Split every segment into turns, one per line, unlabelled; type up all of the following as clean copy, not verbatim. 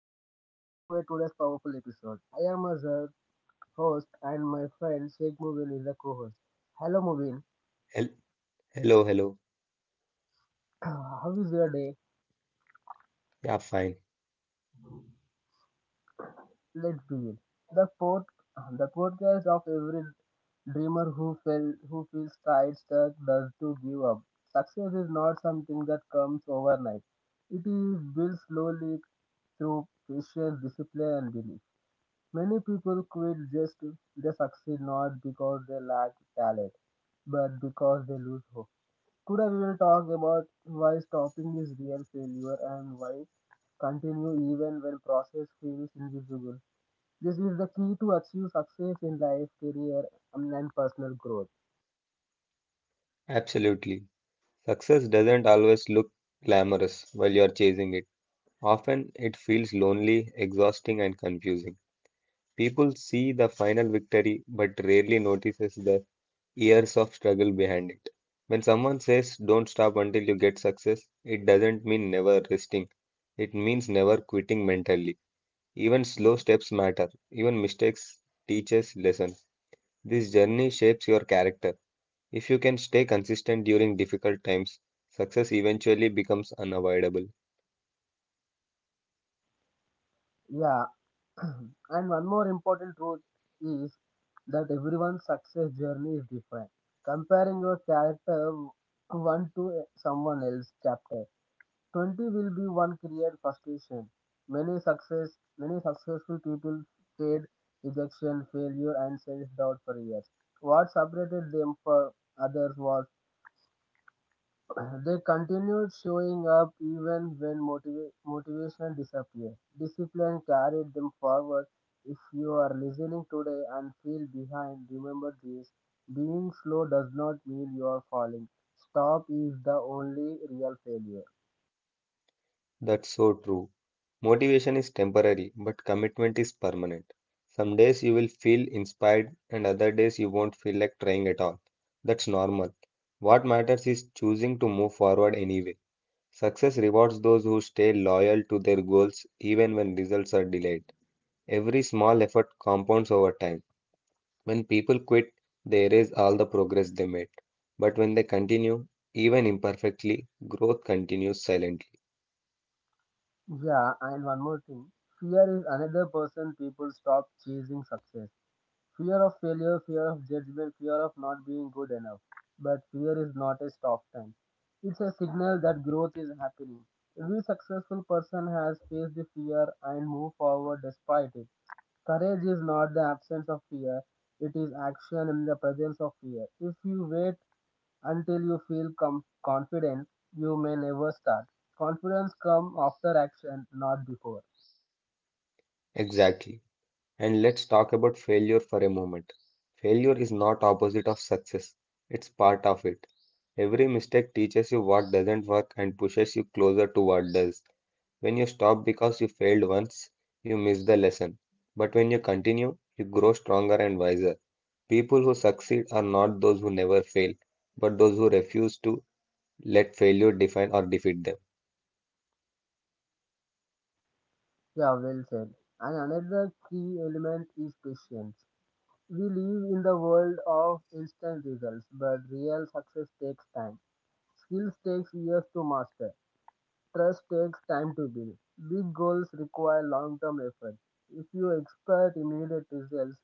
welcome back to a today's powerful episode. I am Azhar, host, and my friend Sheikh Mubin is the co-host. Hello Mubin,
Hel- Hello, hello.
how is your day?
Yeah, fine.
Let's begin. The pod, the podcast of every dreamer who fell, who feels tired, stuck, does to give up. Success is not something that comes overnight. It is built slowly through patience, discipline, and belief. Many people quit just to they succeed not because they lack talent but because they lose hope. Today we will talk about why stopping is real failure and why continue even when process feels invisible. This is the key to achieve success in life, career, and personal growth.
Absolutely. Success doesn't always look glamorous while you're chasing it. Often it feels lonely, exhausting, and confusing. People see the final victory but rarely notices the years of struggle behind it. When someone says don't stop until you get success, it doesn't mean never resting. It means never quitting mentally. Even slow steps matter. Even mistakes teach us lessons. This journey shapes your character. If you can stay consistent during difficult times, success eventually becomes unavoidable.
Yeah, and one more important truth is that everyone's success journey is different. Comparing your character one to someone else's chapter 20 will be one career frustration. Many successful people faced rejection, failure, and self-doubt for years. What separated them from others was they continued showing up even when motivation disappeared. Discipline carried them forward. If you are listening today and feel behind, remember this: being slow does not mean you are falling. Stop is the only real failure.
That's so true. Motivation is temporary, but commitment is permanent. Some days you will feel inspired, and other days you won't feel like trying at all. That's normal. What matters is choosing to move forward anyway. Success rewards those who stay loyal to their goals even when results are delayed. Every small effort compounds over time. When people quit, they erase all the progress they made. But when they continue, even imperfectly, growth continues silently.
Yeah, and one more thing. Fear is another person people stop chasing success. Fear of failure, fear of judgment, fear of not being good enough. But fear is not a stop sign. It's a signal that growth is happening. Every successful person has faced the fear and moved forward despite it. Courage is not the absence of fear, it is action in the presence of fear. If you wait until you feel confident, you may never start. Confidence comes after action, not before.
Exactly. And let's talk about failure for a moment. Failure is not opposite of success. It's part of it. Every mistake teaches you what doesn't work and pushes you closer to what does. When you stop because you failed once, you miss the lesson. But when you continue, you grow stronger and wiser. People who succeed are not those who never fail, but those who refuse to let failure define or defeat them.
Yeah, well said. And another key element is patience. We live in the world of instant results, but real success takes time. Skills takes years to master. Trust takes time to build. Big goals require long-term effort. If you expect immediate results,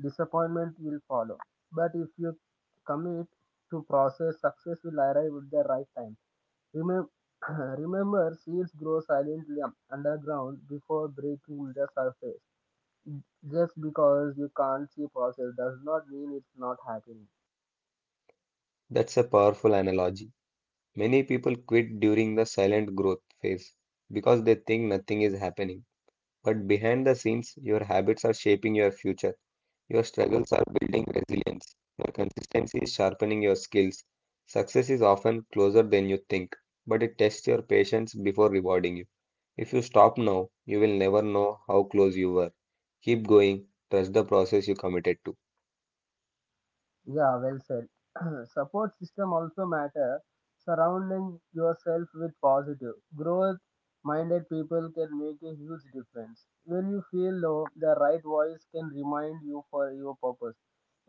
disappointment will follow. But if you commit to process, success will arrive at the right time. Remem- Remember, seeds grow silently underground before breaking the surface. Just because you can't see process does not mean it's not happening.
That's a powerful analogy. Many people quit during the silent growth phase because they think nothing is happening. But behind the scenes, your habits are shaping your future. Your struggles are building resilience. Your consistency is sharpening your skills. Success is often closer than you think, but it tests your patience before rewarding you. If you stop now, you will never know how close you were. Keep going, trust the process you committed to.
Yeah, well said. Support system also matter. Surrounding yourself with positive, growth-minded people can make a huge difference. When you feel low, the right voice can remind you for your purpose.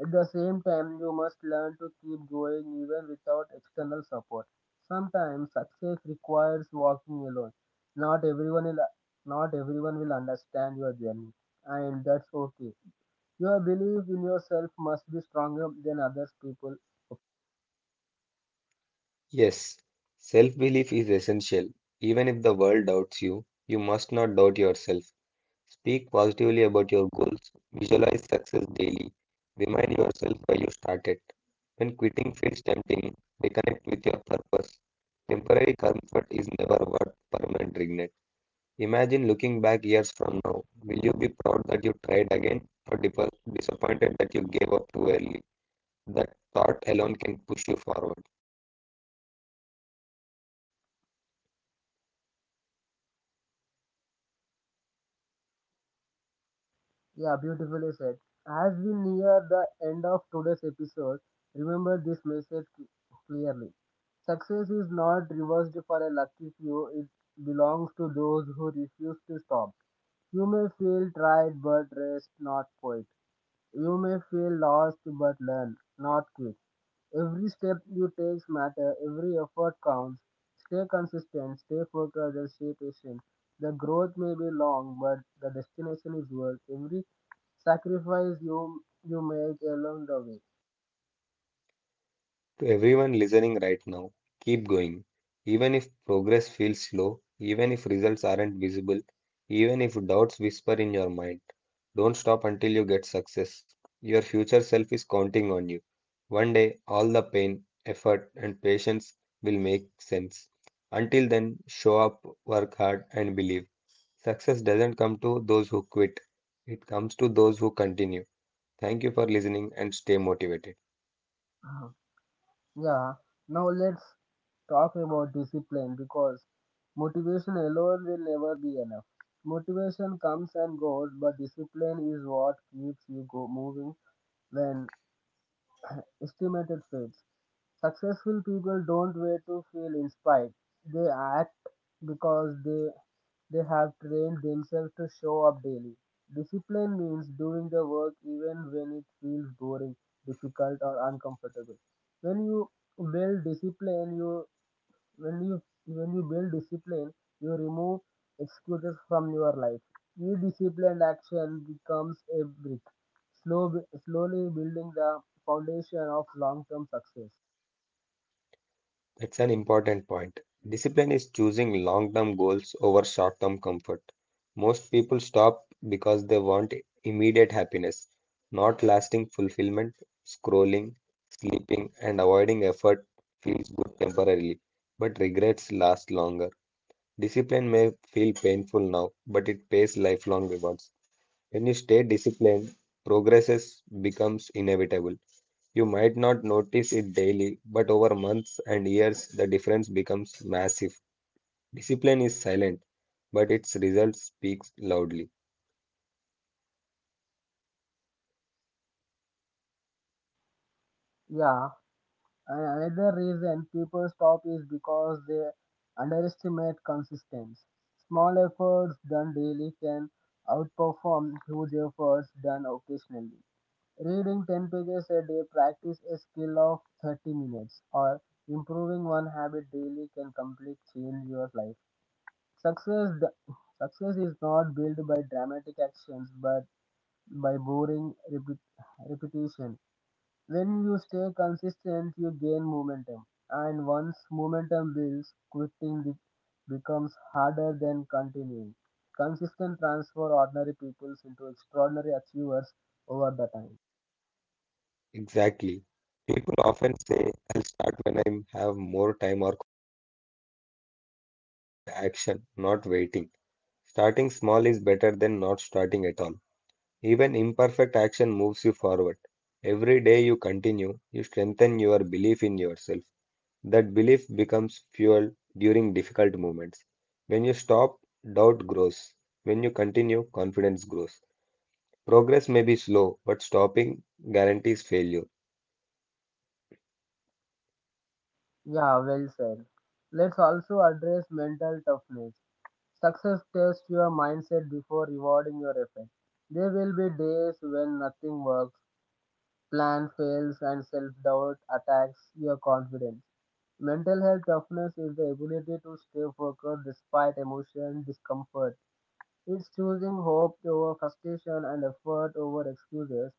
At the same time, you must learn to keep going even without external support. Sometimes success requires walking alone. Not everyone will, not everyone will understand your journey, and that's okay. Your belief in yourself must be stronger than others people. Okay.
Yes, self-belief is essential. Even if the world doubts you, you must not doubt yourself. Speak positively about your goals. Visualize success daily. Remind yourself why you started. When quitting feels tempting, reconnect with your purpose. Temporary comfort is never worth permanent regret. Imagine looking back years from now. Will you be proud that you tried again or disappointed that you gave up too early? That thought alone can push you forward.
Yeah, beautifully said. As we near the end of today's episode, remember this message clearly. Success is not reserved for a lucky few, it belongs to those who refuse to stop. You may feel tired, but rest not quit. You may feel lost but learn, not quit. Every step you take matters. Every effort counts. Stay consistent, stay focused and stay patient. The growth may be long but the destination is worth every sacrifice you make along the way.
To everyone listening right now, keep going. Even if progress feels slow, even if results aren't visible, even if doubts whisper in your mind, don't stop until you get success. Your future self is counting on you. One day, all the pain, effort, and patience will make sense. Until then, show up, work hard, and believe. Success doesn't come to those who quit, it comes to those who continue. Thank you for listening and stay motivated.
Mhm. Yeah. Now let's talk about discipline because motivation alone will never be enough. Motivation comes and goes, but discipline is what keeps you go moving when estimated traits. Successful people don't wait to feel inspired. They act because they have trained themselves to show up daily. Discipline means doing the work even when it feels boring, difficult, or uncomfortable. When you build discipline, you when you when you build discipline, you remove excuses from your life. Each disciplined action becomes a brick, slow, slowly building the foundation of long term success.
That's an important point. Discipline is choosing long term goals over short term comfort. Most people stop because they want immediate happiness, not lasting fulfillment. Scrolling, sleeping, and avoiding effort feels good temporarily, but regrets last longer. Discipline may feel painful now, but it pays lifelong rewards. When you stay disciplined, progress becomes inevitable. You might not notice it daily, but over months and years, the difference becomes massive. Discipline is silent, but its results speak loudly.
Yeah, and another reason people stop is because they underestimate consistency. Small efforts done daily can outperform huge efforts done occasionally. Reading 10 pages a day, practice a skill of 30 minutes, or improving one habit daily can completely change your life. Success, success is not built by dramatic actions but by repetition. When you stay consistent, you gain momentum, and once momentum builds, quitting becomes harder than continuing. Consistent transfer ordinary peoples into extraordinary achievers over the time.
Exactly. People often say, I'll start when I have more time, or built by action, not waiting. Starting small is better than not starting at all. Even imperfect action moves you forward. Every day you continue, you strengthen your belief in yourself. That belief becomes fuel during difficult moments. When you stop, doubt grows. When you continue, confidence grows. Progress may be slow, but stopping guarantees failure.
Yeah, well said. Let's also address mental toughness. Success tests your mindset before rewarding your effort. There will be days when nothing works, plan fails, and self doubt attacks your confidence. Mental health toughness is the ability to stay focused despite emotion discomfort. It's choosing hope over frustration and effort over excuses.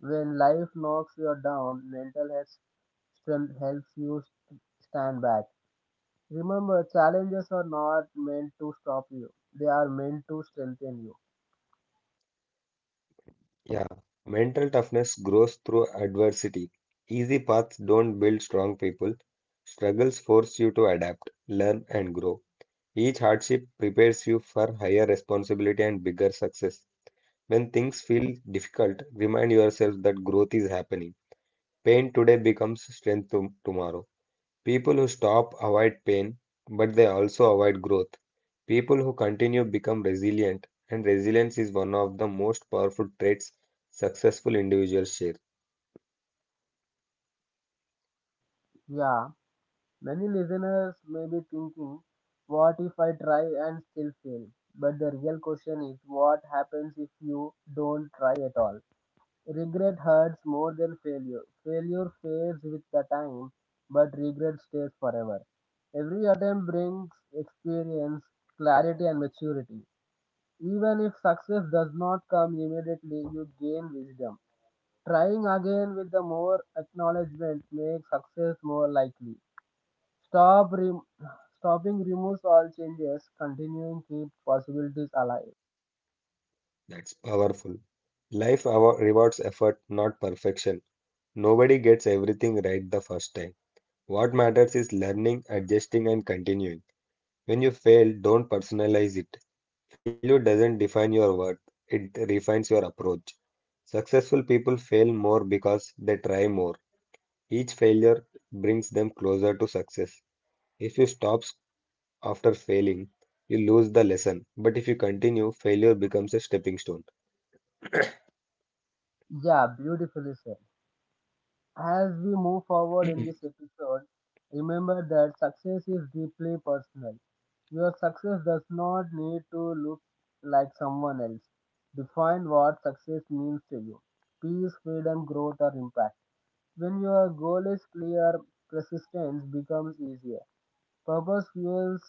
When life knocks you down, mental health strength helps you stand back. Remember, challenges are not meant to stop you, they are meant to strengthen you.
Yeah. Mental toughness grows through adversity. Easy paths don't build strong people. Struggles force you to adapt, learn, and grow. Each hardship prepares you for higher responsibility and bigger success. When things feel difficult, remind yourself that growth is happening. Pain today becomes strength tomorrow. People who stop avoid pain, but they also avoid growth. People who continue become resilient, and resilience is one of the most powerful traits successful individuals share.
Yeah, many listeners may be thinking, what if I try and still fail? But the real question is, what happens if you don't try at all? Regret hurts more than failure. Failure fades with the time, but regret stays forever. Every attempt brings experience, clarity, and maturity. Even if success does not come immediately, you gain wisdom. Trying again with the more acknowledgement makes success more likely. Stop rem- stopping removes all changes, continuing keeps possibilities alive.
That's powerful. Life rewards effort, not perfection. Nobody gets everything right the first time. What matters is learning, adjusting, and continuing. When you fail, don't personalize it. Failure doesn't define your worth, it refines your approach. Successful people fail more because they try more. Each failure brings them closer to success. If you stop after failing, you lose the lesson. But if you continue, failure becomes a stepping stone.
Yeah, beautifully said. As we move forward in this episode, remember that success is deeply personal. Your success does not need to look like someone else. Define what success means to you: peace, freedom, growth, or impact. When your goal is clear, persistence becomes easier. Purpose fuels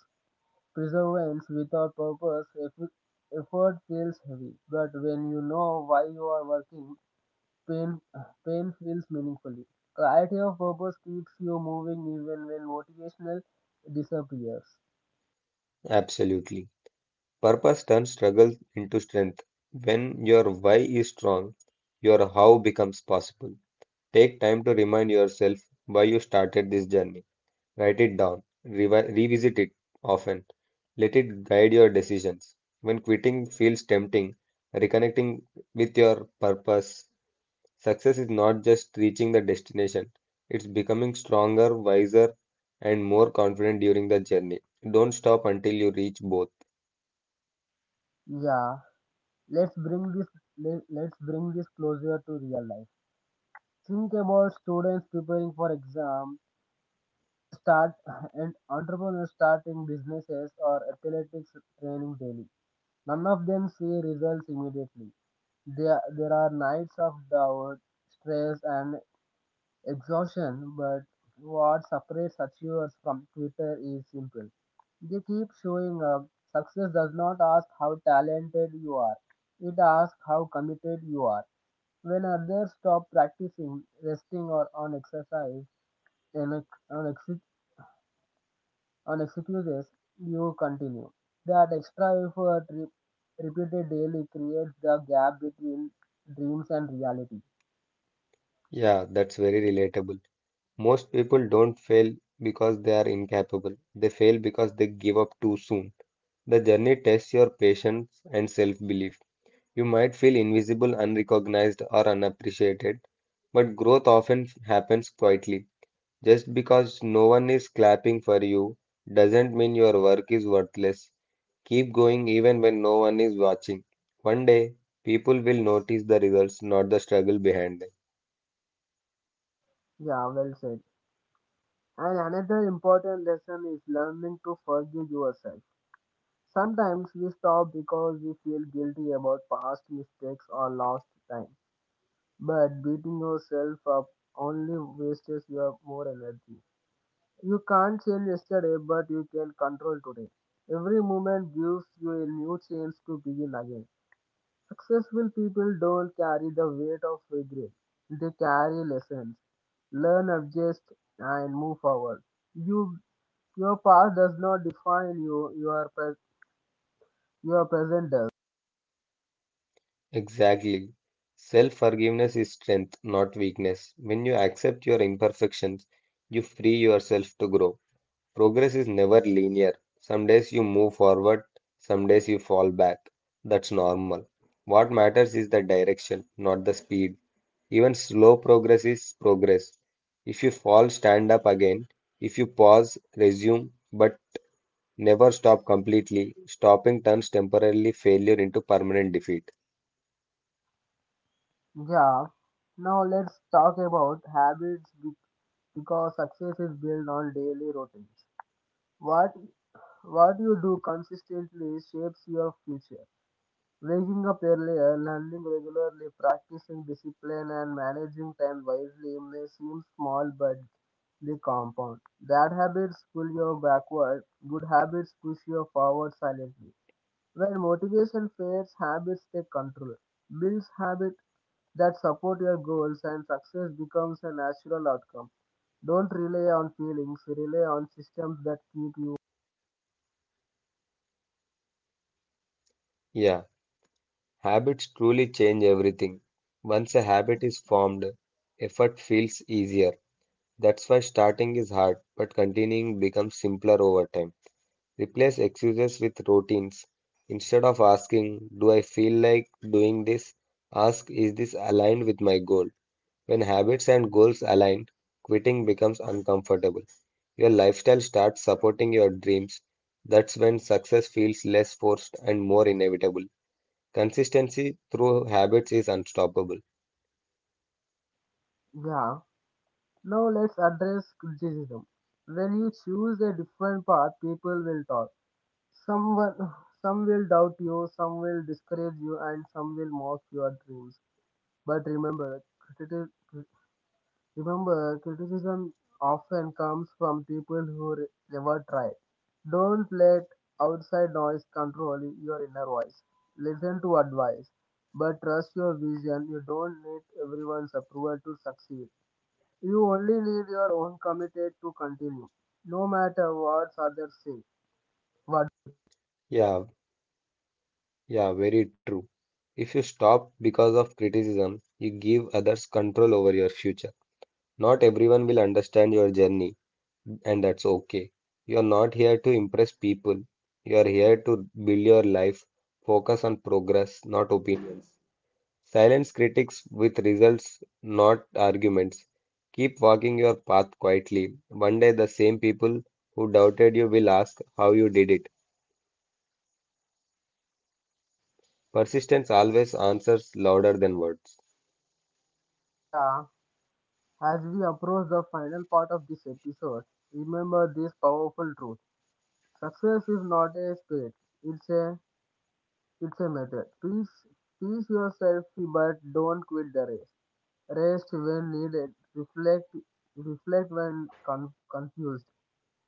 perseverance. Without purpose, effort feels heavy. But when you know why you are working, pain, pain feels meaningfully. Clarity of purpose keeps you moving even when motivational disappears.
Absolutely. Purpose turns struggle into strength. When your why is strong, your how becomes possible. Take time to remind yourself why you started this journey. Write it down, revisit it often. Let it guide your decisions. When quitting feels tempting, reconnecting with your purpose. Success is not just reaching the destination, it's becoming stronger, wiser, and more confident during the journey. Don't stop until you reach both.
Yeah, let's bring this let's bring this closer to real life. Think about students preparing for exam start and entrepreneurs starting businesses or athletics training daily. None of them see results immediately. There are nights of doubt, stress, and exhaustion, but what separates achievers from Twitter is simple. They keep showing up. Success does not ask how talented you are, it asks how committed you are. When others stop practicing, resting, or on exercise, an and excuses, you continue. That extra effort repeated daily creates the gap between dreams and reality.
Yeah, that's very relatable. Most people don't fail because they are incapable, they fail because they give up too soon. The journey tests your patience and self-belief. You might feel invisible, unrecognized, or unappreciated, but growth often happens quietly. Just because no one is clapping for you doesn't mean your work is worthless. Keep going even when no one is watching. One day, people will notice the results, not the struggle behind them.
Yeah, well said. And another important lesson is learning to forgive yourself. Sometimes we stop because we feel guilty about past mistakes or lost time. But beating yourself up only wastes your more energy. You can't change yesterday, but you can control today. Every moment gives you a new chance to begin again. Successful people don't carry the weight of regret, they carry lessons. Learn, adjust, and move forward. You, your past does not define you, your present does.
Exactly. Self forgiveness is strength, not weakness. When you accept your imperfections, you free yourself to grow. Progress is never linear. Some days you move forward, some days you fall back. That's normal. What matters is the direction, not the speed. Even slow progress is progress. If you fall, stand up again. If you pause, resume, but never stop completely. Stopping turns temporarily failure into permanent defeat.
Yeah, now let's talk about habits because success is built on daily routines. What what you do consistently shapes your future. Waking up early, learning regularly, practicing discipline, and managing time wisely may seem small, but they compound. Bad habits pull you backward, good habits push you forward silently. When motivation fades, habits take control. Build habits that support your goals, and success becomes a natural outcome. Don't rely on feelings, rely on systems that keep you.
Yeah, habits truly change everything. Once a habit is formed, effort feels easier. That's why starting is hard, but continuing becomes simpler over time. Replace excuses with routines. Instead of asking, do I feel like doing this? Ask, is this aligned with my goal? When habits and goals align, quitting becomes uncomfortable. Your lifestyle starts supporting your dreams. That's when success feels less forced and more inevitable. Consistency through habits is unstoppable.
Yeah. Now let's address criticism. When you choose a different path, people will talk. Someone, some will doubt you, some will discourage you, and some will mock your dreams. But remember, criticism often comes from people who never tried. Don't let outside noise control your inner voice. Listen to advice, but trust your vision. You don't need everyone's approval to succeed. You only need your own committed to continue, no matter what others say. What?
Yeah, yeah, very true. If you stop because of criticism, you give others control over your future. Not everyone will understand your journey, and that's okay. You are not here to impress people. You are here to build your life. Focus on progress, not opinions. Silence critics with results, not arguments. Keep walking your path quietly. One day, the same people who doubted you will ask how you did it. Persistence always answers louder than words.
Yeah, as we approach the final part of this episode, remember this powerful truth. Success is not a state, it's a it's a method. Please teach yourself but don't quit the race. Rest when needed, reflect when confused,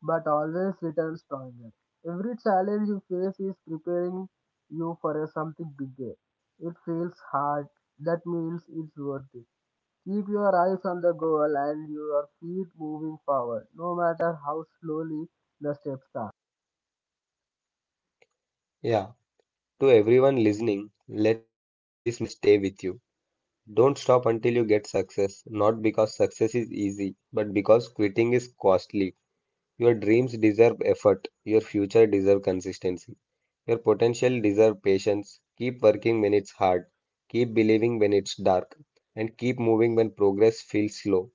but always return stronger. Every challenge you face is preparing you for a something bigger. It feels hard, that means it's worth it. Keep your eyes on the goal and your feet moving forward, no matter how slowly the steps are.
Yeah. To everyone listening, let this message stay with you. Don't stop until you get success, not because success is easy, but because quitting is costly. Your dreams deserve effort, your future deserves consistency, your potential deserves patience. Keep working when it's hard, keep believing when it's dark, and keep moving when progress feels slow.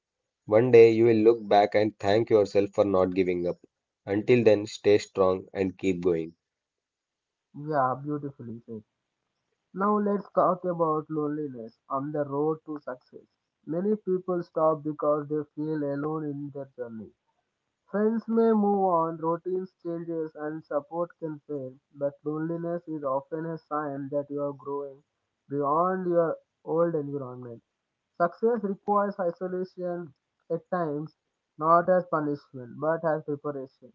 One day you will look back and thank yourself for not giving up. Until then, stay strong and keep going.
Yeah, beautifully said. Now let's talk about loneliness on the road to success. Many people stop because they feel alone in their journey. Friends may move on, routines changes, and support can fail, but loneliness is often a sign that you are growing beyond your old environment. Success requires isolation at times, not as punishment, but as preparation.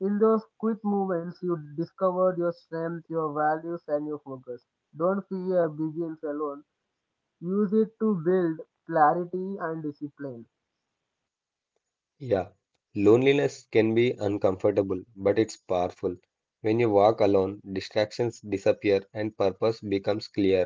In those quick moments, you discover your strength, your values, and your focus. Don't fear begins alone. Use it to build clarity and discipline.
Yeah, loneliness can be uncomfortable, but it's powerful. When you walk alone, distractions disappear and purpose becomes clear.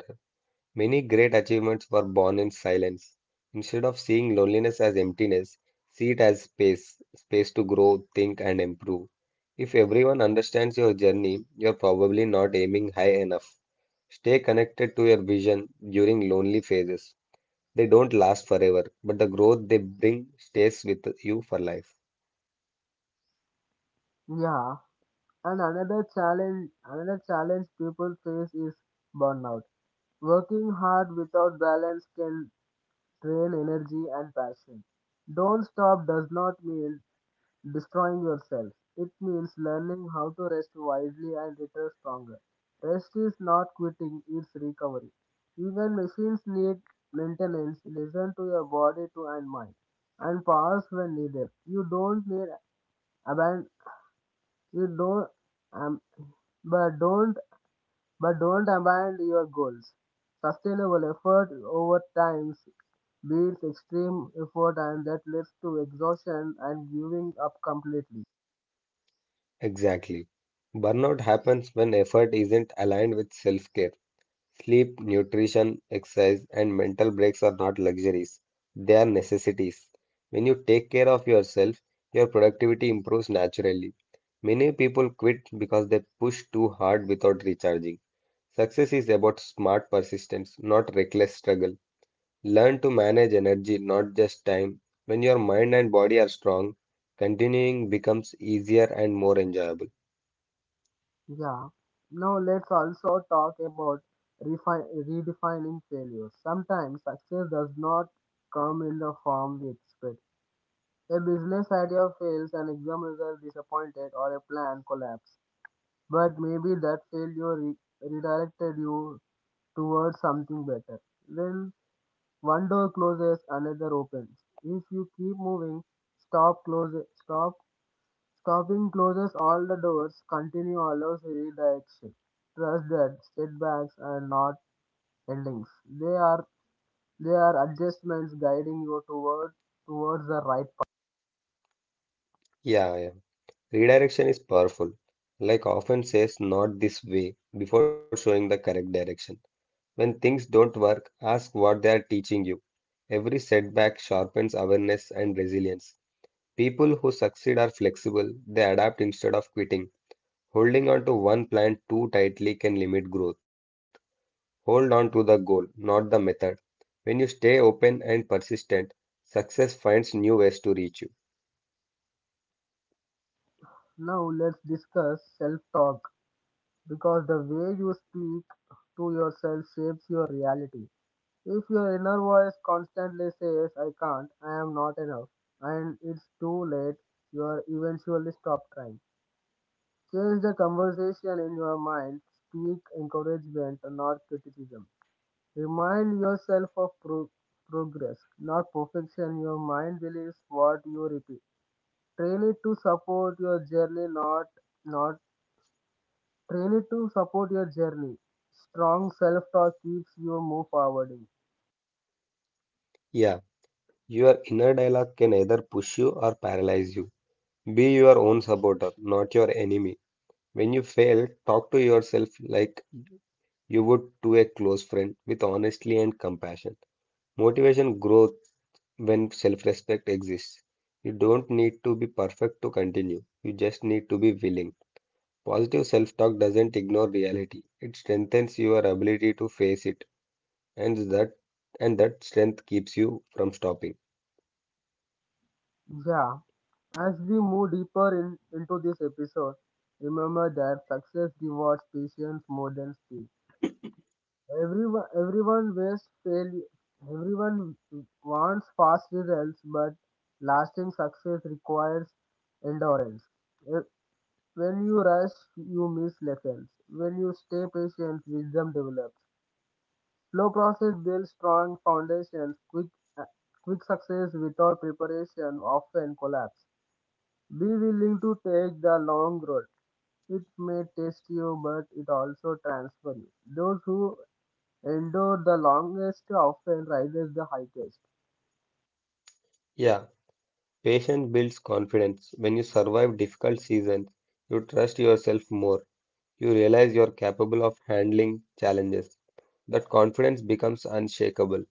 Many great achievements were born in silence. Instead of seeing loneliness as emptiness, see it as space, space to grow, think, and improve. If everyone understands your journey, you're probably not aiming high enough. Stay connected to your vision during lonely phases. They don't last forever, but the growth they bring stays with you for life.
Yeah. And another challenge people face is burnout. Working hard without balance can drain energy and passion. Don't stop does not mean destroying yourself. It means learning how to rest wisely and return stronger. Rest is not quitting, it's recovery. Even machines need maintenance. Listen to your body to and mind and pause when needed. Aban- you don't, um, but don't, but don't abandon your goals. Sustainable effort over time beats extreme effort, and that leads to exhaustion and giving up completely.
Exactly. Burnout happens when effort isn't aligned with self-care. Sleep, nutrition, exercise, and mental breaks are not luxuries. They are necessities. When you take care of yourself, your productivity improves naturally. Many people quit because they push too hard without recharging. Success is about smart persistence, not reckless struggle. Learn to manage energy, not just time. When your mind and body are strong, continuing becomes easier and more enjoyable.
Yeah. Now let's also talk about redefining failure. Sometimes success does not come in the form we expect. A business idea fails, an exam result disappointed, or a plan collapse, but maybe that failure redirected you towards something better. When one door closes, another opens. If you keep moving, stop close stop stopping closes all the doors, continue allows redirection. Trust that setbacks are not endings. They are they are adjustments guiding you towards the right path.
Yeah, yeah. Redirection is powerful. Like often says, not this way, before showing the correct direction. When things don't work, ask what they are teaching you. Every setback sharpens awareness and resilience. People who succeed are flexible, they adapt instead of quitting. Holding on to one plan too tightly can limit growth. Hold on to the goal, not the method. When you stay open and persistent, success finds new ways to reach you.
Now let's discuss self talk, because the way you speak to yourself shapes your reality. If your inner voice constantly says, I can't, I am not enough, and it's too late, you are eventually stop trying. Change the conversation in your mind, speak encouragement, not criticism. Remind yourself of progress, not perfection. Your mind believes what you repeat. Train it to support your journey, not, not, Train it to support your journey. Strong self-talk keeps you move forward.
Yeah, your inner dialogue can either push you or paralyze you. Be your own supporter, not your enemy. When you fail, talk to yourself like you would to a close friend with honesty and compassion. Motivation grows when self respect exists. You don't need to be perfect to continue, you just need to be willing. Positive self talk doesn't ignore reality, it strengthens your ability to face it, and that, and that strength keeps you from stopping.
Yeah, as we move into this episode, remember that success rewards patience more than speed. Everyone waits failure. Everyone wants fast results, but lasting success requires endurance. Eh, When you rush, you miss lessons. When you stay patient, wisdom develops. Slow process builds strong foundations. Eh, Quick success without preparation often collapse. Be willing to take the long road. It may test you, but it also transforms you. Those who endure the longest often rises the highest.
Yeah, patience builds confidence. When you survive difficult seasons, you trust yourself more. You realize you're capable of handling challenges. That confidence becomes unshakable.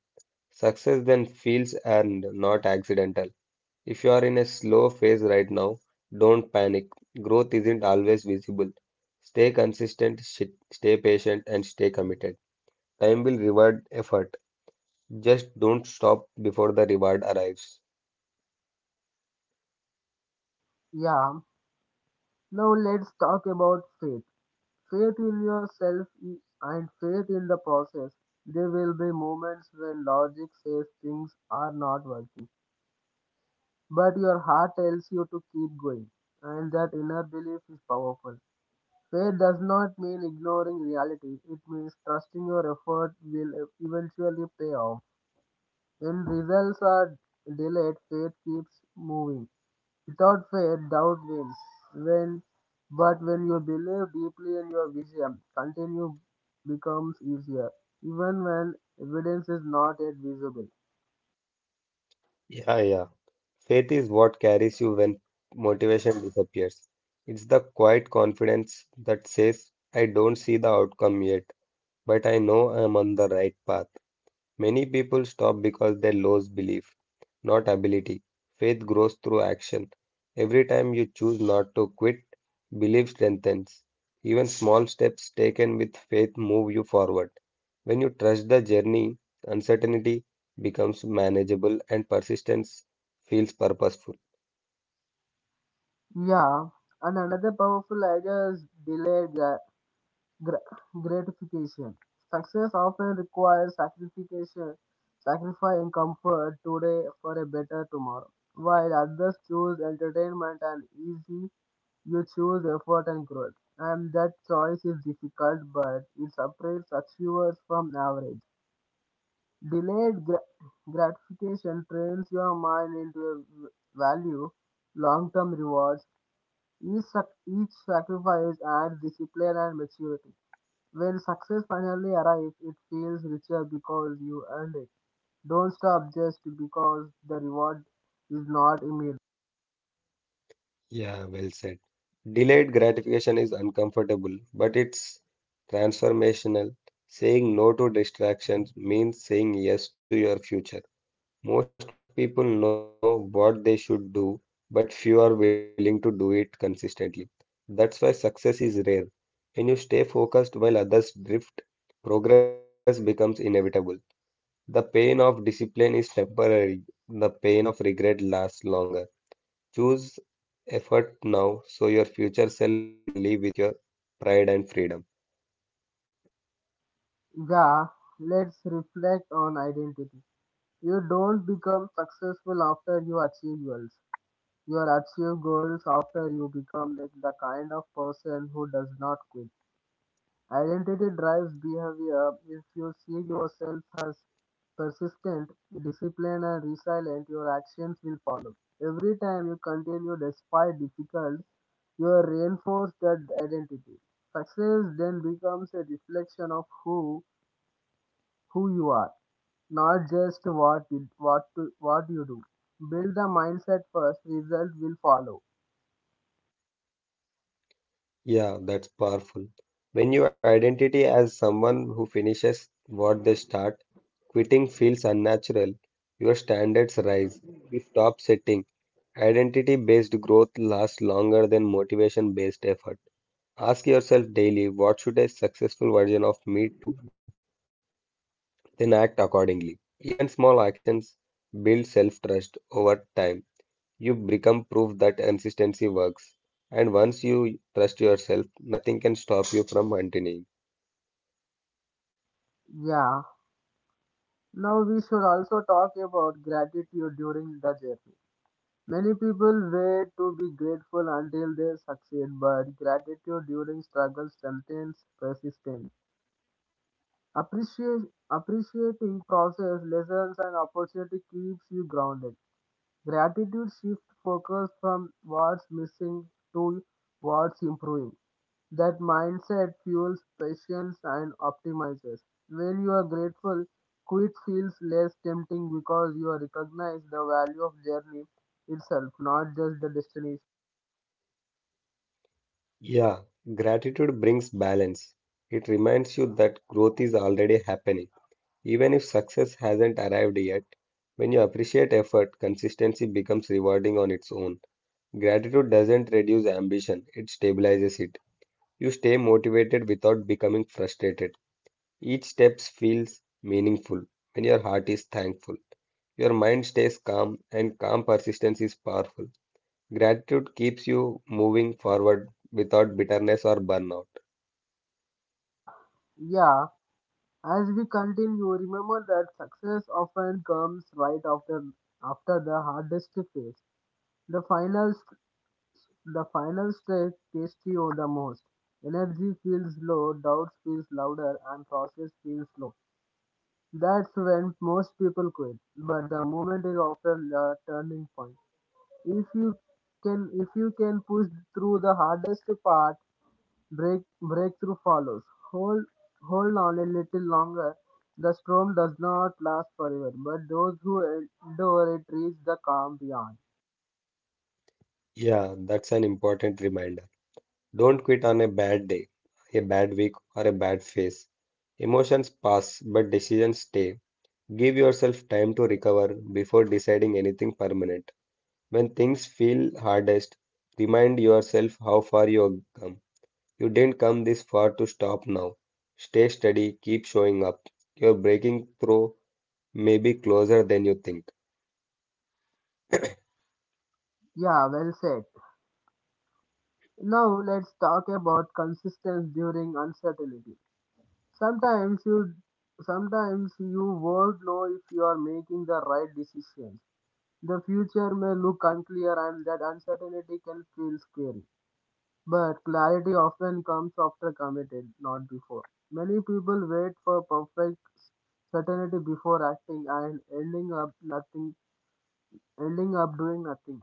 Success then feels earned, not accidental. If you are in a slow phase right now, don't panic. Growth isn't always visible. Stay consistent, stay patient, and stay committed. Time will reward effort. Just don't stop before the reward arrives.
Yeah. Now let's talk about faith. Faith in yourself and faith in the process. There will be moments when logic says things are not working, but your heart tells you to keep going, and that inner belief is powerful. Faith does not mean ignoring reality, it means trusting your effort will eventually pay off. When results are delayed, faith keeps moving. Without faith, doubt wins. When, but when you believe deeply in your vision, continue becomes easier, even when evidence is not yet visible.
Yeah, yeah. Faith is what carries you when motivation disappears. It's the quiet confidence that says, I don't see the outcome yet, but I know I'm on the right path. Many people stop because they lose belief, not ability. Faith grows through action. Every time you choose not to quit, belief strengthens. Even small steps taken with faith move you forward. When you trust the journey, uncertainty becomes manageable and persistence feels purposeful.
Yeah, and another powerful idea is delayed Gra- gratification. Success often requires sacrificing comfort today for a better tomorrow. While others choose entertainment and easy, you choose effort and growth. And that choice is difficult, but it separates achievers from average. Delayed gratification trains your mind into value long-term rewards. Each sacrifice adds discipline and maturity. When success finally arrives, it feels richer because you earned it. Don't stop just because the reward is not immediate.
Yeah, well said. Delayed gratification is uncomfortable, but it's transformational. Saying no to distractions means saying yes to your future. Most people know what they should do, but few are willing to do it consistently. That's why success is rare. When you stay focused while others drift, progress becomes inevitable. The pain of discipline is temporary, the pain of regret lasts longer. Choose effort now so your future self can live with your pride and freedom.
Yeah, let's reflect on identity. You don't become successful after you achieve goals. You achieve goals after you become the kind of person who does not quit. Identity drives behavior. If you see yourself as persistent, disciplined, and resilient, your actions will follow. Every time you continue despite difficult, you reinforce that identity. Success then becomes a reflection of who you are, not just what you do. Build the mindset first, result will follow.
Yeah, that's powerful. When you identity as someone who finishes what they start, quitting feels unnatural. Your standards rise. You stop setting. Identity-based growth lasts longer than motivation-based effort. Ask yourself daily, what should a successful version of me to do? Then act accordingly. Even small actions build self-trust over time. You become proof that consistency works. And once you trust yourself, nothing can stop you from continuing.
Yeah. Now we should also talk about gratitude during the journey. Many people wait to be grateful until they succeed, but gratitude during struggle strengthens persistence. Appreciate, appreciating process, lessons, and opportunity keeps you grounded. Gratitude attitude shift focus from what's missing to what's improving. That mindset fuels patience and optimizes. When you are grateful, quit feels less tempting because you recognize the value of journey itself, not just the destination.
Yeah, gratitude brings balance. It reminds you that growth is already happening. Even if success hasn't arrived yet, when you appreciate effort, consistency becomes rewarding on its own. Gratitude doesn't reduce ambition, it stabilizes it. You stay motivated without becoming frustrated. Each step feels meaningful when your heart is thankful. Your mind stays calm, and calm persistence is powerful. Gratitude keeps you moving forward without bitterness or burnout.
Yeah, as we continue, remember that success often comes right after the hardest phase. The final st- the final stretch tests you the most. Energy feels low, doubts feels louder, and process feels slow. That's when most people quit. But the moment is often the turning point. If you if you can push through the hardest part, breakthrough follows. Hold, Hold on a little longer. The storm does not last forever, but those who endure it reach the calm beyond.
Yeah, that's an important reminder. Don't quit on a bad day, a bad week, or a bad phase. Emotions pass, but decisions stay. Give yourself time to recover before deciding anything permanent. When things feel hardest, remind yourself how far you have come. You didn't come this far to stop now. Stay steady, keep showing up. Your breaking through may be closer than you think.
Yeah, well said. Now let's talk about consistency during uncertainty. Sometimes you, Sometimes you won't know if you are making the right decisions. The future may look unclear, and that uncertainty can feel scary. But clarity often comes after committed, not before. Many people wait for perfect certainty before acting and ending up nothing ending up doing nothing.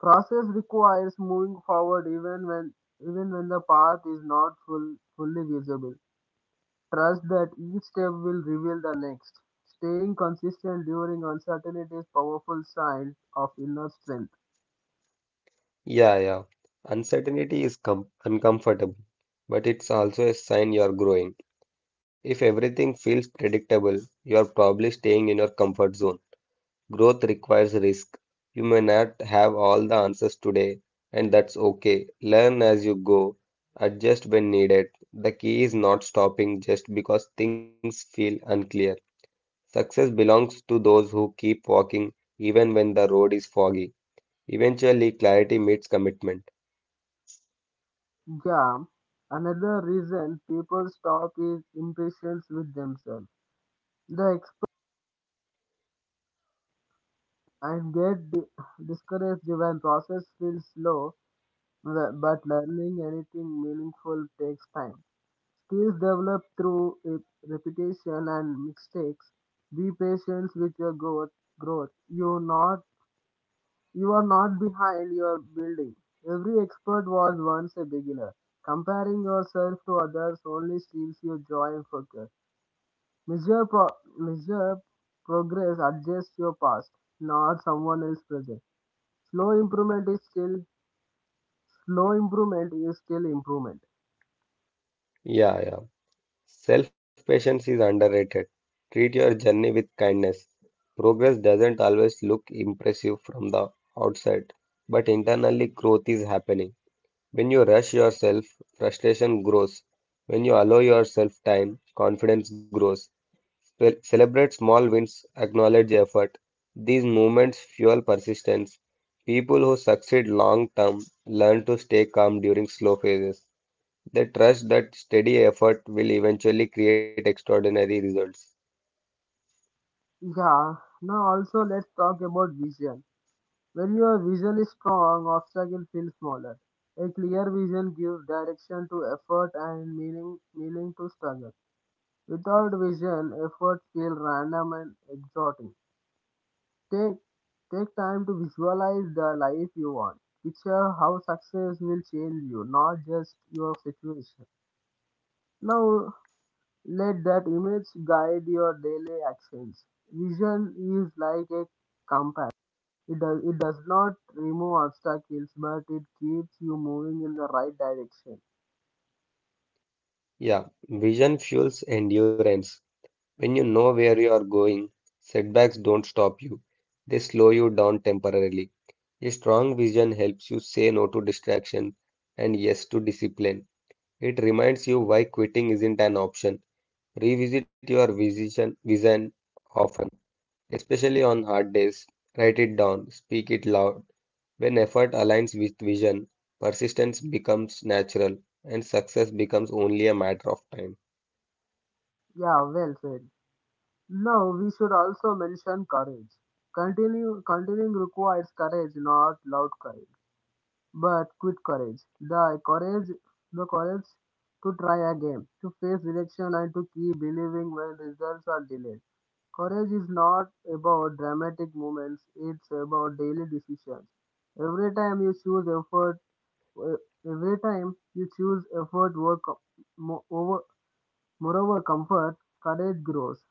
Process requires moving forward even when the path is not full, fully visible. Trust that each step will reveal the next. Staying consistent during uncertainty is powerful sign of inner strength.
Yeah, yeah. Uncertainty is com uncomfortable, but it's also a sign you're growing. If everything feels predictable, you're probably staying in your comfort zone. Growth requires risk. You may not have all the answers today, and that's okay. Learn as you go, adjust when needed. The key is not stopping just because things feel unclear. Success belongs to those who keep walking even when the road is foggy. Eventually, clarity meets commitment.
Yeah, another reason people stop is impatience with themselves. They expect and get discouraged when process feels slow, but learning anything meaningful takes time. Skills develop through repetition and mistakes. Be patient with your growth. Growth. You are not behind. You are building. Every expert was once a beginner. Comparing yourself to others only steals your joy and focus. Measure, pro- Measure progress, adjust your past, not someone else's present. Slow improvement is still Slow improvement is still improvement.
Yeah, yeah. Self-patience is underrated. Treat your journey with kindness. Progress doesn't always look impressive from the outside, but internally growth is happening. When you rush yourself, frustration grows. When you allow yourself time, confidence grows. Well, celebrate small wins, acknowledge effort. These movements fuel persistence. People who succeed long term learn to stay calm during slow phases. They trust that steady effort will eventually create extraordinary results.
Yeah. Now also let's talk about vision. When your vision is strong, obstacle feels smaller. A clear vision gives direction to effort and meaning to struggle. Without vision, efforts feel random and exhausting. Take, Take time to visualize the life you want. Picture how success will change you, not just your situation. Now, let that image guide your daily actions. Vision is like a compass. It does not remove obstacles, but it keeps you moving in the right direction.
Yeah, vision fuels endurance. When you know where you are going, setbacks don't stop you, they slow you down temporarily. A strong vision helps you say no to distraction and yes to discipline. It reminds you why quitting isn't an option. Revisit your vision often, especially on hard days. Write it down, speak it loud. When effort aligns with vision, persistence becomes natural and success becomes only a matter of time.
Yeah, well said. Now, we should also mention courage. Continuing requires courage, not loud courage. But with courage, the courage to try again, to face rejection and to keep believing when results are delayed. Courage is not about dramatic moments, it's about daily decisions. Every time you choose effort, uh, every time you choose effort work, mo- over, moreover comfort, courage grows.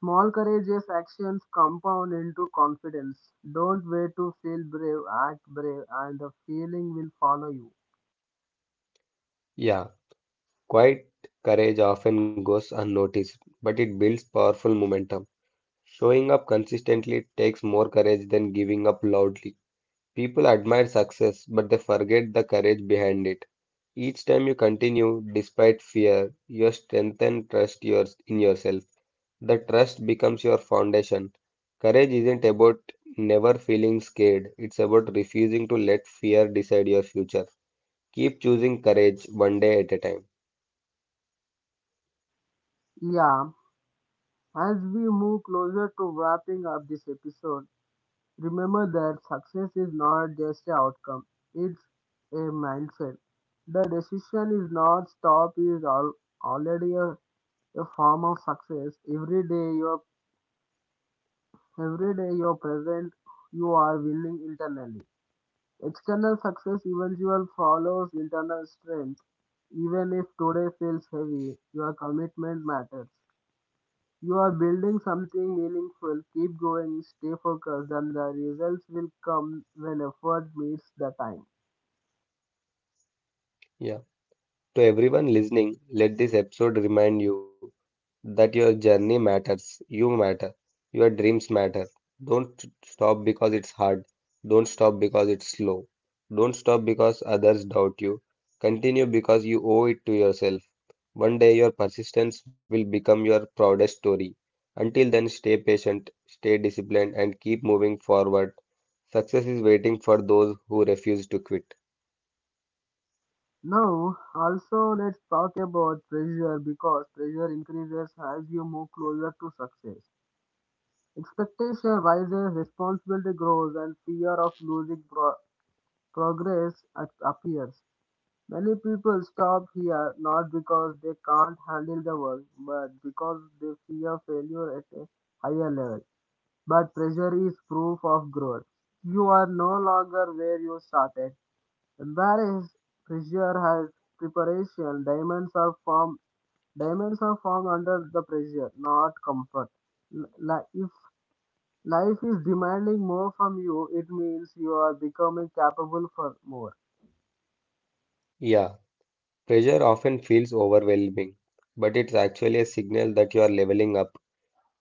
Small courageous actions compound into confidence. Don't wait to feel brave, act brave, and the feeling will follow you.
Yeah, quiet courage often goes unnoticed, but it builds powerful momentum. Showing up consistently takes more courage than giving up loudly. People admire success, but they forget the courage behind it. Each time you continue despite fear, you strengthen trust your, in yourself. The trust becomes your foundation. Courage isn't about never feeling scared, it's about refusing to let fear decide your future. Keep choosing courage one day at a time.
Yeah, as we move closer to wrapping up this episode, remember that success is not just an outcome, it's a mindset. The decision is not stop is al- already a form of success. Every day you are present, you are willing internally. External success eventually follows internal strength. Even if today feels heavy, your commitment matters. You are building something meaningful. Keep going, stay focused, and the results will come when effort meets the time.
Yeah. To everyone listening, let this episode remind you that your journey matters, you matter, your dreams matter. Don't stop because it's hard. Don't stop because it's slow. Don't stop because others doubt you. Continue because you owe it to yourself. One day your persistence will become your proudest story. Until then, stay patient, stay disciplined, and keep moving forward. Success is waiting for those who refuse to quit.
Now, also let's talk about pressure, because pressure increases as you move closer to success. Expectation rises, responsibility grows, and fear of losing appears. Many people stop here not because they can't handle the work, but because they fear failure at a higher level. But pressure is proof of growth. You are no longer where you started. Embarrass pressure has preparation. Diamonds are formed under the pressure, not comfort. If life is demanding more from you, it means you are becoming capable for more.
Yeah, pressure often feels overwhelming, but it's actually a signal that you are leveling up.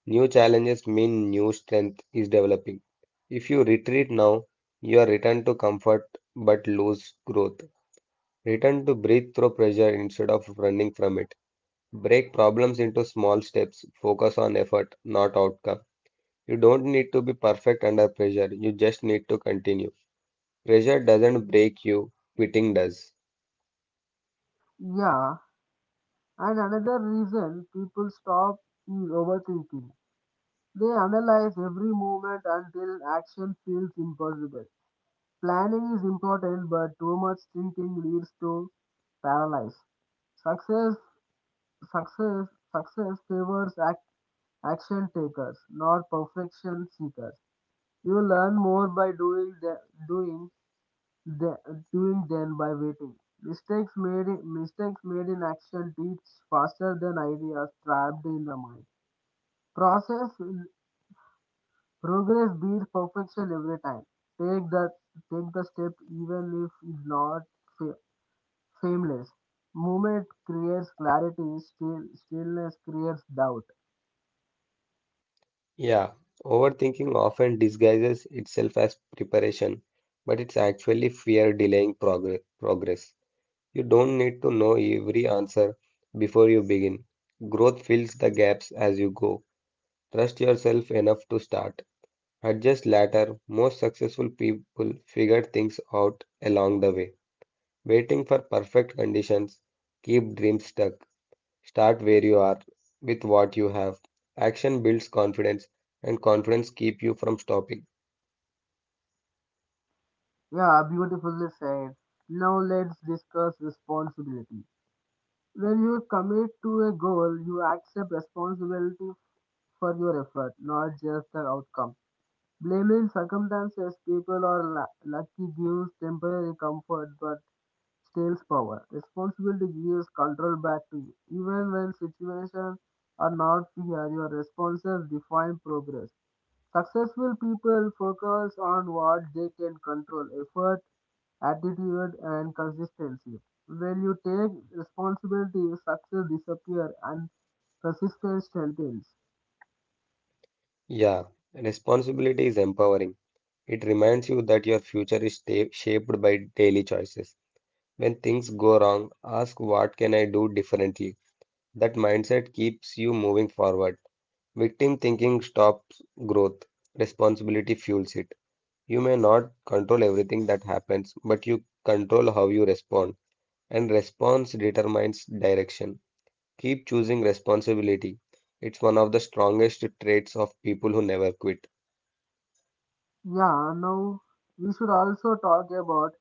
New challenges mean new strength is developing. If you retreat now, you are returned to comfort but lose growth. Return to breathe through pressure instead of running from it. Break problems into small steps. Focus on effort, not outcome. You don't need to be perfect under pressure. You just need to continue. Pressure doesn't break you, quitting does.
Yeah, and another reason people stop is overthinking. They analyze every movement until action feels impossible. Planning is important, but too much thinking leads to paralysis. Success, success, Success favors action takers, not perfection seekers. You learn more by doing the, doing than by waiting. Mistakes made in action teach faster than ideas trapped in the mind. Process Progress beats perfection every time. Take the Take the step even if it's not fa- seamless. Movement creates clarity. Stillness creates doubt.
Yeah, overthinking often disguises itself as preparation, but it's actually fear delaying progress. You don't need to know every answer before you begin. Growth fills the gaps as you go. Trust yourself enough to start. Adjust later. Most successful people figure things out along the way. Waiting for perfect conditions, keep dreams stuck. Start where you are with what you have. Action builds confidence and confidence keeps you from stopping.
Yeah, beautifully said. Now let's discuss responsibility. When you commit to a goal, you accept responsibility for your effort, not just the outcome. Blaming circumstances, people, or lucky gives temporary comfort but steals power. Responsibility gives control back to you. Even when situations are not fair, your responses define progress. Successful people focus on what they can control effort, attitude, and consistency. When you take responsibility, success disappears and persistence strengthens.
Yeah, responsibility is empowering. It reminds you that your future is shaped by daily choices. When things go wrong, ask what can I do differently? That mindset keeps you moving forward. Victim thinking stops growth, responsibility fuels it. You may not control everything that happens, but you control how you respond, and response determines direction. Keep choosing responsibility. It's one of the strongest traits of people who never quit.
Yeah, now we should also talk about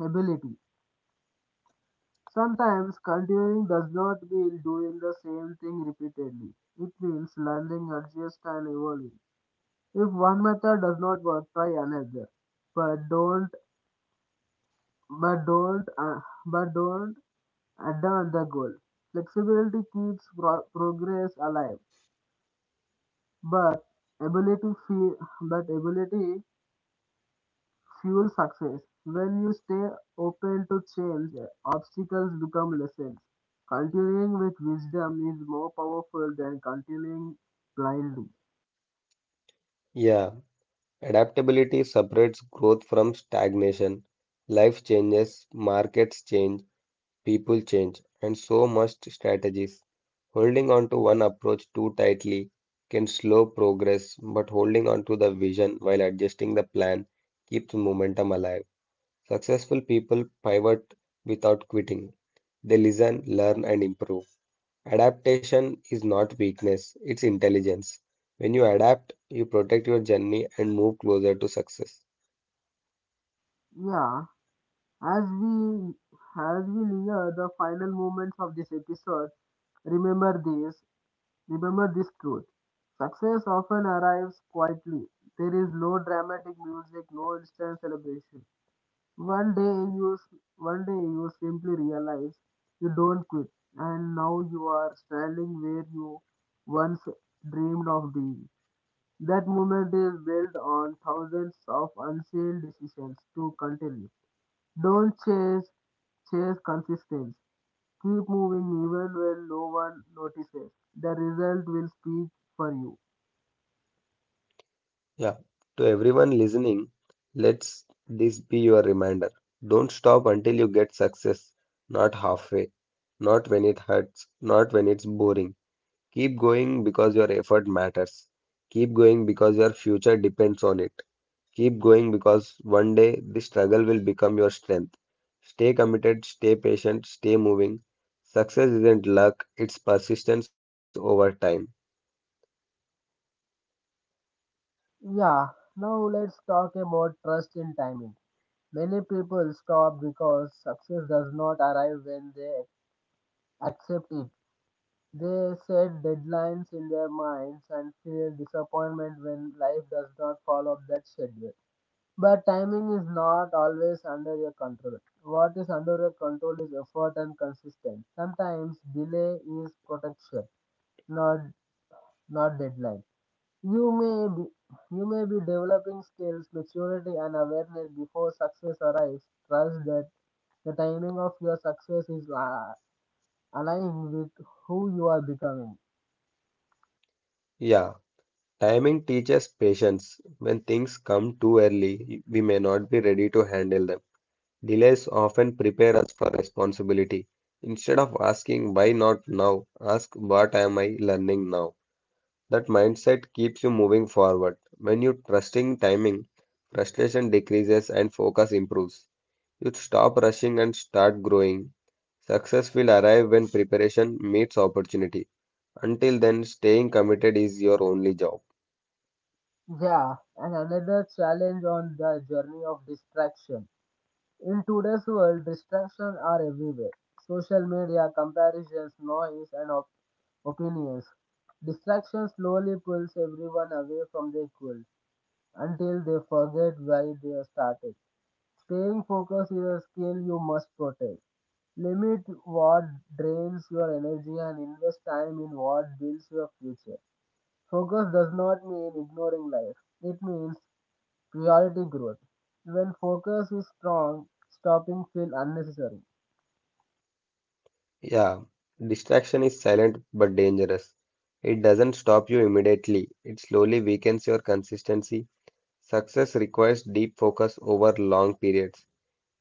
ability. Sometimes continuing does not mean doing the same thing repeatedly. It means learning, adjust, and evolving. If one method does not work, try another. But don't, but don't, uh, but don't abandon the goal. Flexibility keeps progress alive, but ability feel, ability fuel success. When you stay open to change, obstacles become lessons. Continuing with wisdom is more powerful than continuing blindly.
Yeah, adaptability separates growth from stagnation. Life changes, markets change, people change, and so must strategies. Holding on to one approach too tightly can slow progress, but holding on to the vision while adjusting the plan keeps momentum alive. Successful people pivot without quitting. They listen, learn, and improve. Adaptation is not weakness, it's intelligence. When you adapt, you protect your journey and move closer to success.
Yeah, as we as we near the final moments of this episode, remember this, remember this truth. Success often arrives quietly. There is no dramatic music, no instant celebration. One day you s- One day you simply realize you don't quit and now you are standing where you once dreamed of being. That moment is built on thousands of unseen decisions to continue. Don't chase Chase consistency. Keep moving even when no one notices. The result will speak for you.
Yeah, to everyone listening, let's this be your reminder. Don't stop until you get success, not halfway, not when it hurts, not when it's boring. Keep going because your effort matters. Keep going because your future depends on it. Keep going because one day the struggle will become your strength. Stay committed, stay patient, stay moving. Success isn't luck, it's persistence over time.
Yeah, now let's talk about trust in timing. Many people stop because success does not arrive when they accept it. They set deadlines in their minds and feel disappointment when life does not follow that schedule. But timing is not always under your control. What is under your control is effort and consistency. Sometimes delay is protection, not not deadline. You may be you may be developing skills, maturity, and awareness before success arrives. Trust that the timing of your success is aligned with who you are becoming.
Yeah. Timing teaches patience. When things come too early, we may not be ready to handle them. Delays often prepare us for responsibility. Instead of asking why not now, ask what am I learning now. That mindset keeps you moving forward. When you trusting timing, frustration decreases and focus improves. You stop rushing and start growing. Success will arrive when preparation meets opportunity. Until then, staying committed is your only job.
Yeah, and another challenge on the journey of distraction. In today's world, distractions are everywhere. Social media, comparisons, noise, and opinions. Distraction slowly pulls everyone away from their goal until they forget why they started. Staying focused is a skill you must protect. Limit what drains your energy and invest time in what builds your future. Focus does not mean ignoring life, it means priority growth. When focus is strong, stopping feels unnecessary.
Yeah, distraction is silent but dangerous. It doesn't stop you immediately, it slowly weakens your consistency. Success requires deep focus over long periods.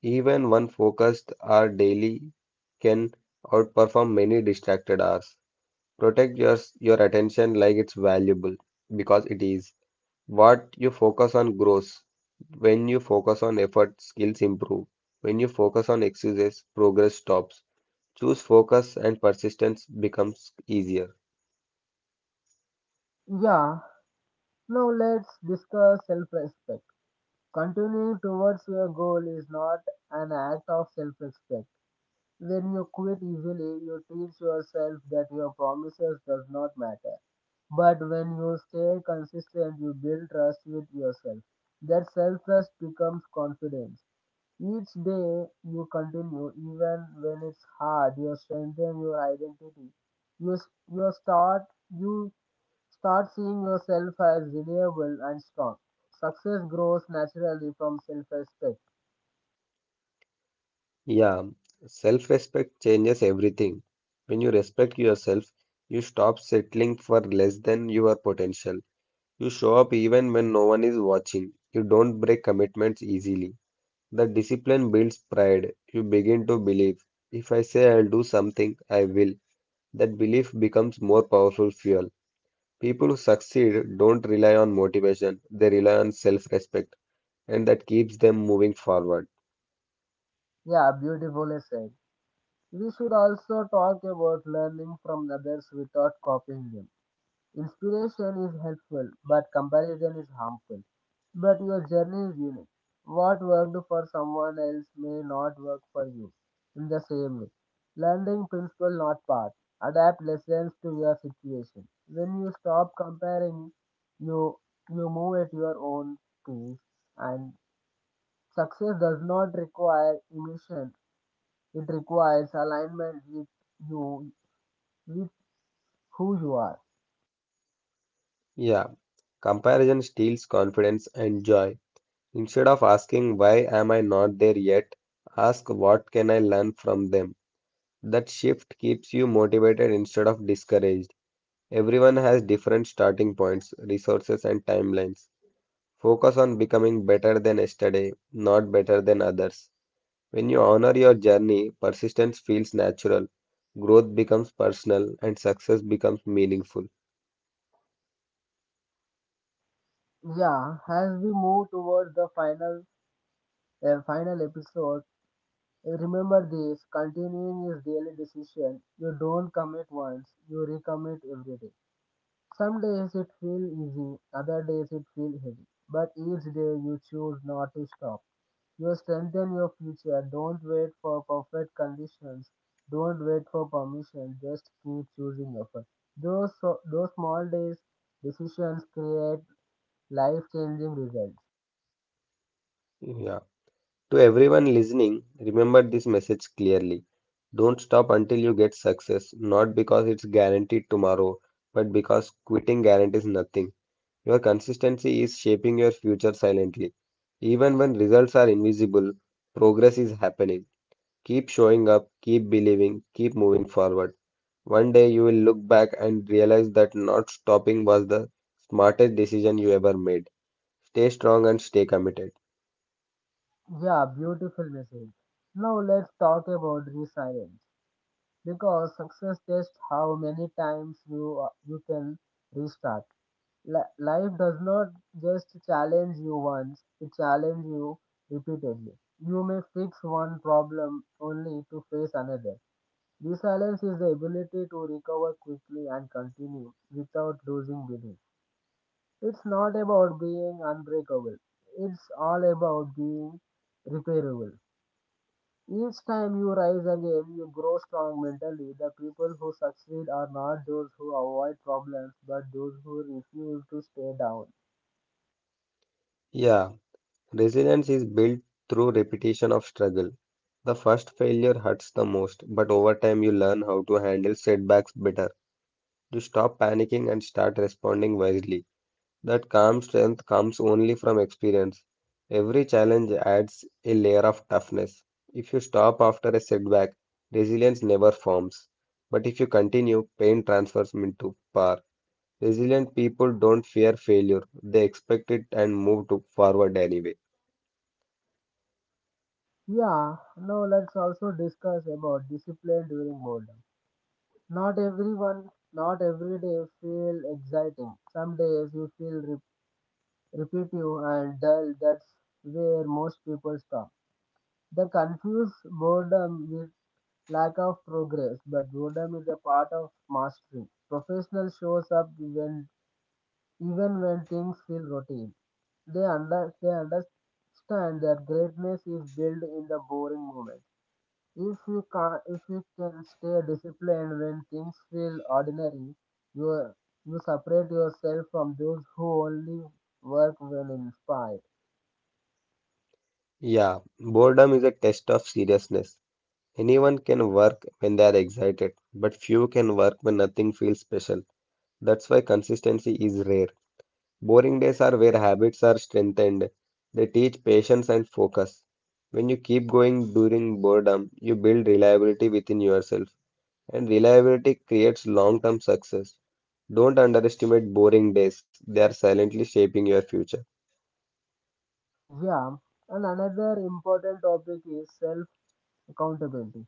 Even one focused hour daily can outperform many distracted hours. Protect your attention like it's valuable because it is. What you focus on grows. When you focus on effort, skills improve. When you focus on excuses, progress stops. Choose focus and persistence becomes easier.
Yeah, now let's discuss self respect. Continuing towards your goal is not an act of self respect. When you quit easily, you teach yourself that your promises does not matter. But when you stay consistent, you build trust with yourself. That self trust becomes confidence. Each day you continue, even when it's hard, you strengthen your identity. You, s- you start you start seeing yourself as reliable and strong. Success grows naturally from self respect.
Yeah, self respect changes everything. When you respect yourself, you stop settling for less than your potential. You show up even when no one is watching. You don't break commitments easily. The discipline builds pride. You begin to believe. If I say I'll do something, I will. That belief becomes more powerful fuel. People who succeed don't rely on motivation, they rely on self respect, and that keeps them moving forward.
Yeah, beautifully said. We should also talk about learning from others without copying them. Inspiration is helpful, but comparison is harmful. But your journey is unique. What worked for someone else may not work for you in the same way. Learning principle, not path. Adapt lessons to your situation. When you stop comparing, you you move at your own pace, and success does not require emotion, it requires alignment with you, with who you are.
Yeah, comparison steals confidence and joy. Instead of asking why am I not there yet, ask what can I learn from them. That shift keeps you motivated instead of discouraged. Everyone has different starting points, resources, and timelines. Focus on becoming better than yesterday, not better than others. When you honor your journey, persistence feels natural, growth becomes personal, and success becomes meaningful.
Yeah, as we move towards the final episode, remember this: continuing is daily decision. You don't commit once; you recommit every day. Some days it feels easy, other days it feels heavy. But each day you choose not to stop. You strengthen your future. Don't wait for perfect conditions. Don't wait for permission. Just keep choosing yourself. Those small days decisions create life changing results.
Yeah. To everyone listening, remember this message clearly. Don't stop until you get success, not because it's guaranteed tomorrow, but because quitting guarantees nothing. Your consistency is shaping your future silently. Even when results are invisible, progress is happening. Keep showing up, keep believing, keep moving forward. One day you will look back and realize that not stopping was the smartest decision you ever made. Stay strong and stay committed.
Yeah, beautiful message. Now let's talk about resilience because success tests how many times you can restart. Life does not just challenge you once, it challenges you repeatedly. You may fix one problem only to face another. Resilience is the ability to recover quickly and continue without losing belief. It's not about being unbreakable, it's all about being repairable. Each time you rise again, you grow strong mentally. The people who succeed are not those who avoid problems, but those who refuse to stay down.
Yeah, resilience is built through repetition of struggle. The first failure hurts the most, but over time you learn how to handle setbacks better. You stop panicking and start responding wisely. That calm strength comes only from experience. Every challenge adds a layer of toughness. If you stop after a setback, resilience never forms. But if you continue, pain transfers into power. Resilient people don't fear failure, they expect it and move to forward anyway.
Yeah, now let's also discuss about discipline during boredom. Not everyone, not every day feel exciting. Some days you feel repetitive and dull. That's where most people stop. They confuse boredom with lack of progress, but boredom is a part of mastery. Professional shows up when even when things feel routine. They understand that greatness is built in the boring moments. If you can stay disciplined when things feel ordinary, you you separate yourself from those who only work when inspired.
Yeah, boredom is a test of seriousness. Anyone can work when they are excited, but few can work when nothing feels special. That's why consistency is rare. Boring days are where habits are strengthened. They teach patience and focus. When you keep going during boredom, you build reliability within yourself, and reliability creates long-term success. Don't underestimate boring days. They are silently shaping your future.
Yeah, and another important topic is self accountability.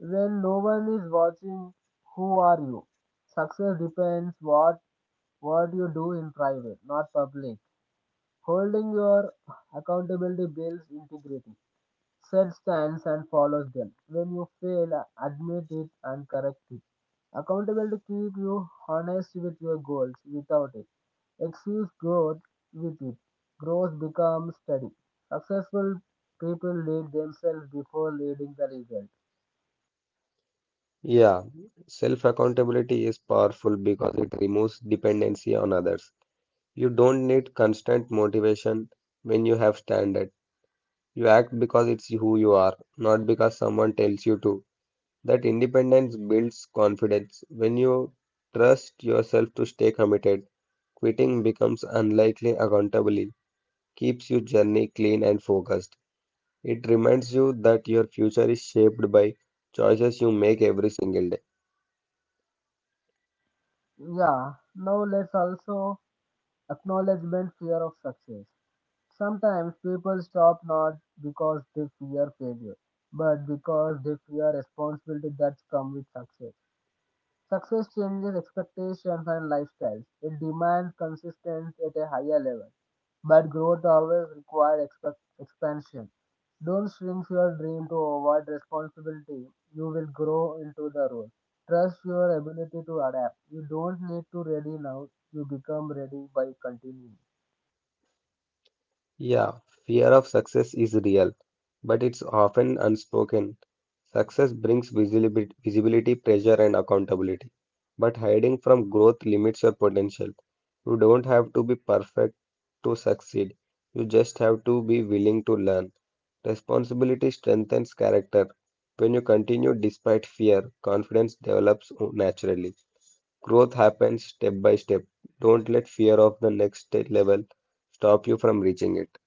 When no one is watching, who are you? Success depends what you do in private, not public. Holding your accountability builds integrity. Set stands and follows them. When you fail, admit it and correct it. Accountability keep you honest with your goals without it. Excuse growth with it. Growth becomes steady. Successful people lead themselves before leading the result.
Yeah, self accountability is powerful because it removes dependency on others. You don't need constant motivation when you have standard. You act because it's who you are, not because someone tells you to. That independence builds confidence. When you trust yourself to stay committed, quitting becomes unlikely accountably, keeps your journey clean and focused. It reminds you that your future is shaped by choices you make every single day.
Yeah, now let's also acknowledgement fear of success. Sometimes people stop not because they fear failure, but because they fear responsibility that come with success. Success changes expectations and lifestyles. It demands consistency at a higher level. But growth always requires expansion. Don't shrink your dream to avoid responsibility. You will grow into the role. Trust your ability to adapt. You don't need to ready now. You become ready by continuing.
Yeah, fear of success is real, but it's often unspoken. Success brings visibility, pressure, and accountability. But hiding from growth limits your potential. You don't have to be perfect to succeed. You just have to be willing to learn. Responsibility strengthens character. When you continue despite fear, confidence develops naturally. Growth happens step by step. Don't let fear of the next level stop you from reaching it.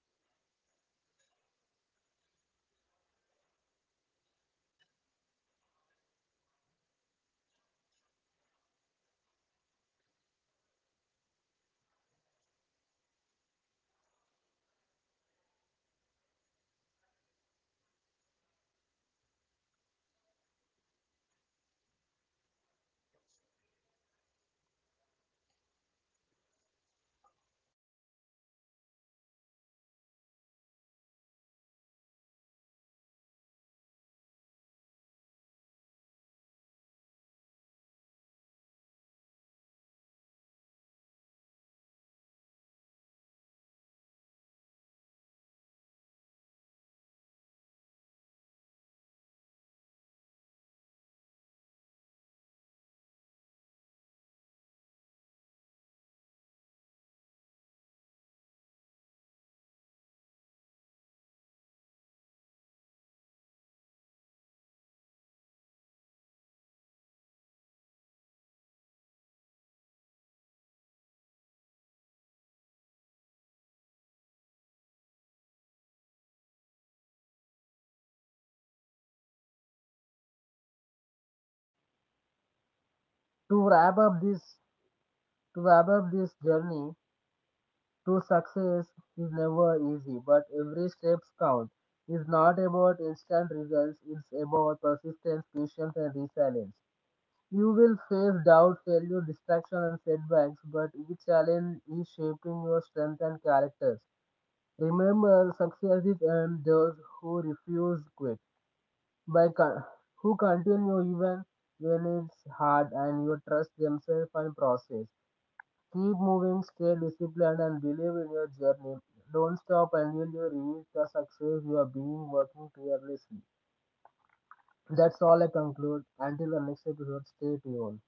To wrap up this to wrap up this journey, to success is never easy, but every step counts. It's not about instant results, it's about persistence, patience, and resilience. You will face doubt, failure, distraction, and setbacks, but each challenge is shaping your strength and character. Remember, success is earned those who refuse quit, by con- who continue even when it's hard, and you trust themselves and process. Keep moving, stay disciplined, and believe in your journey. Don't stop until you reach the success you have been working tirelessly. That's all I conclude. Until the next episode, stay tuned.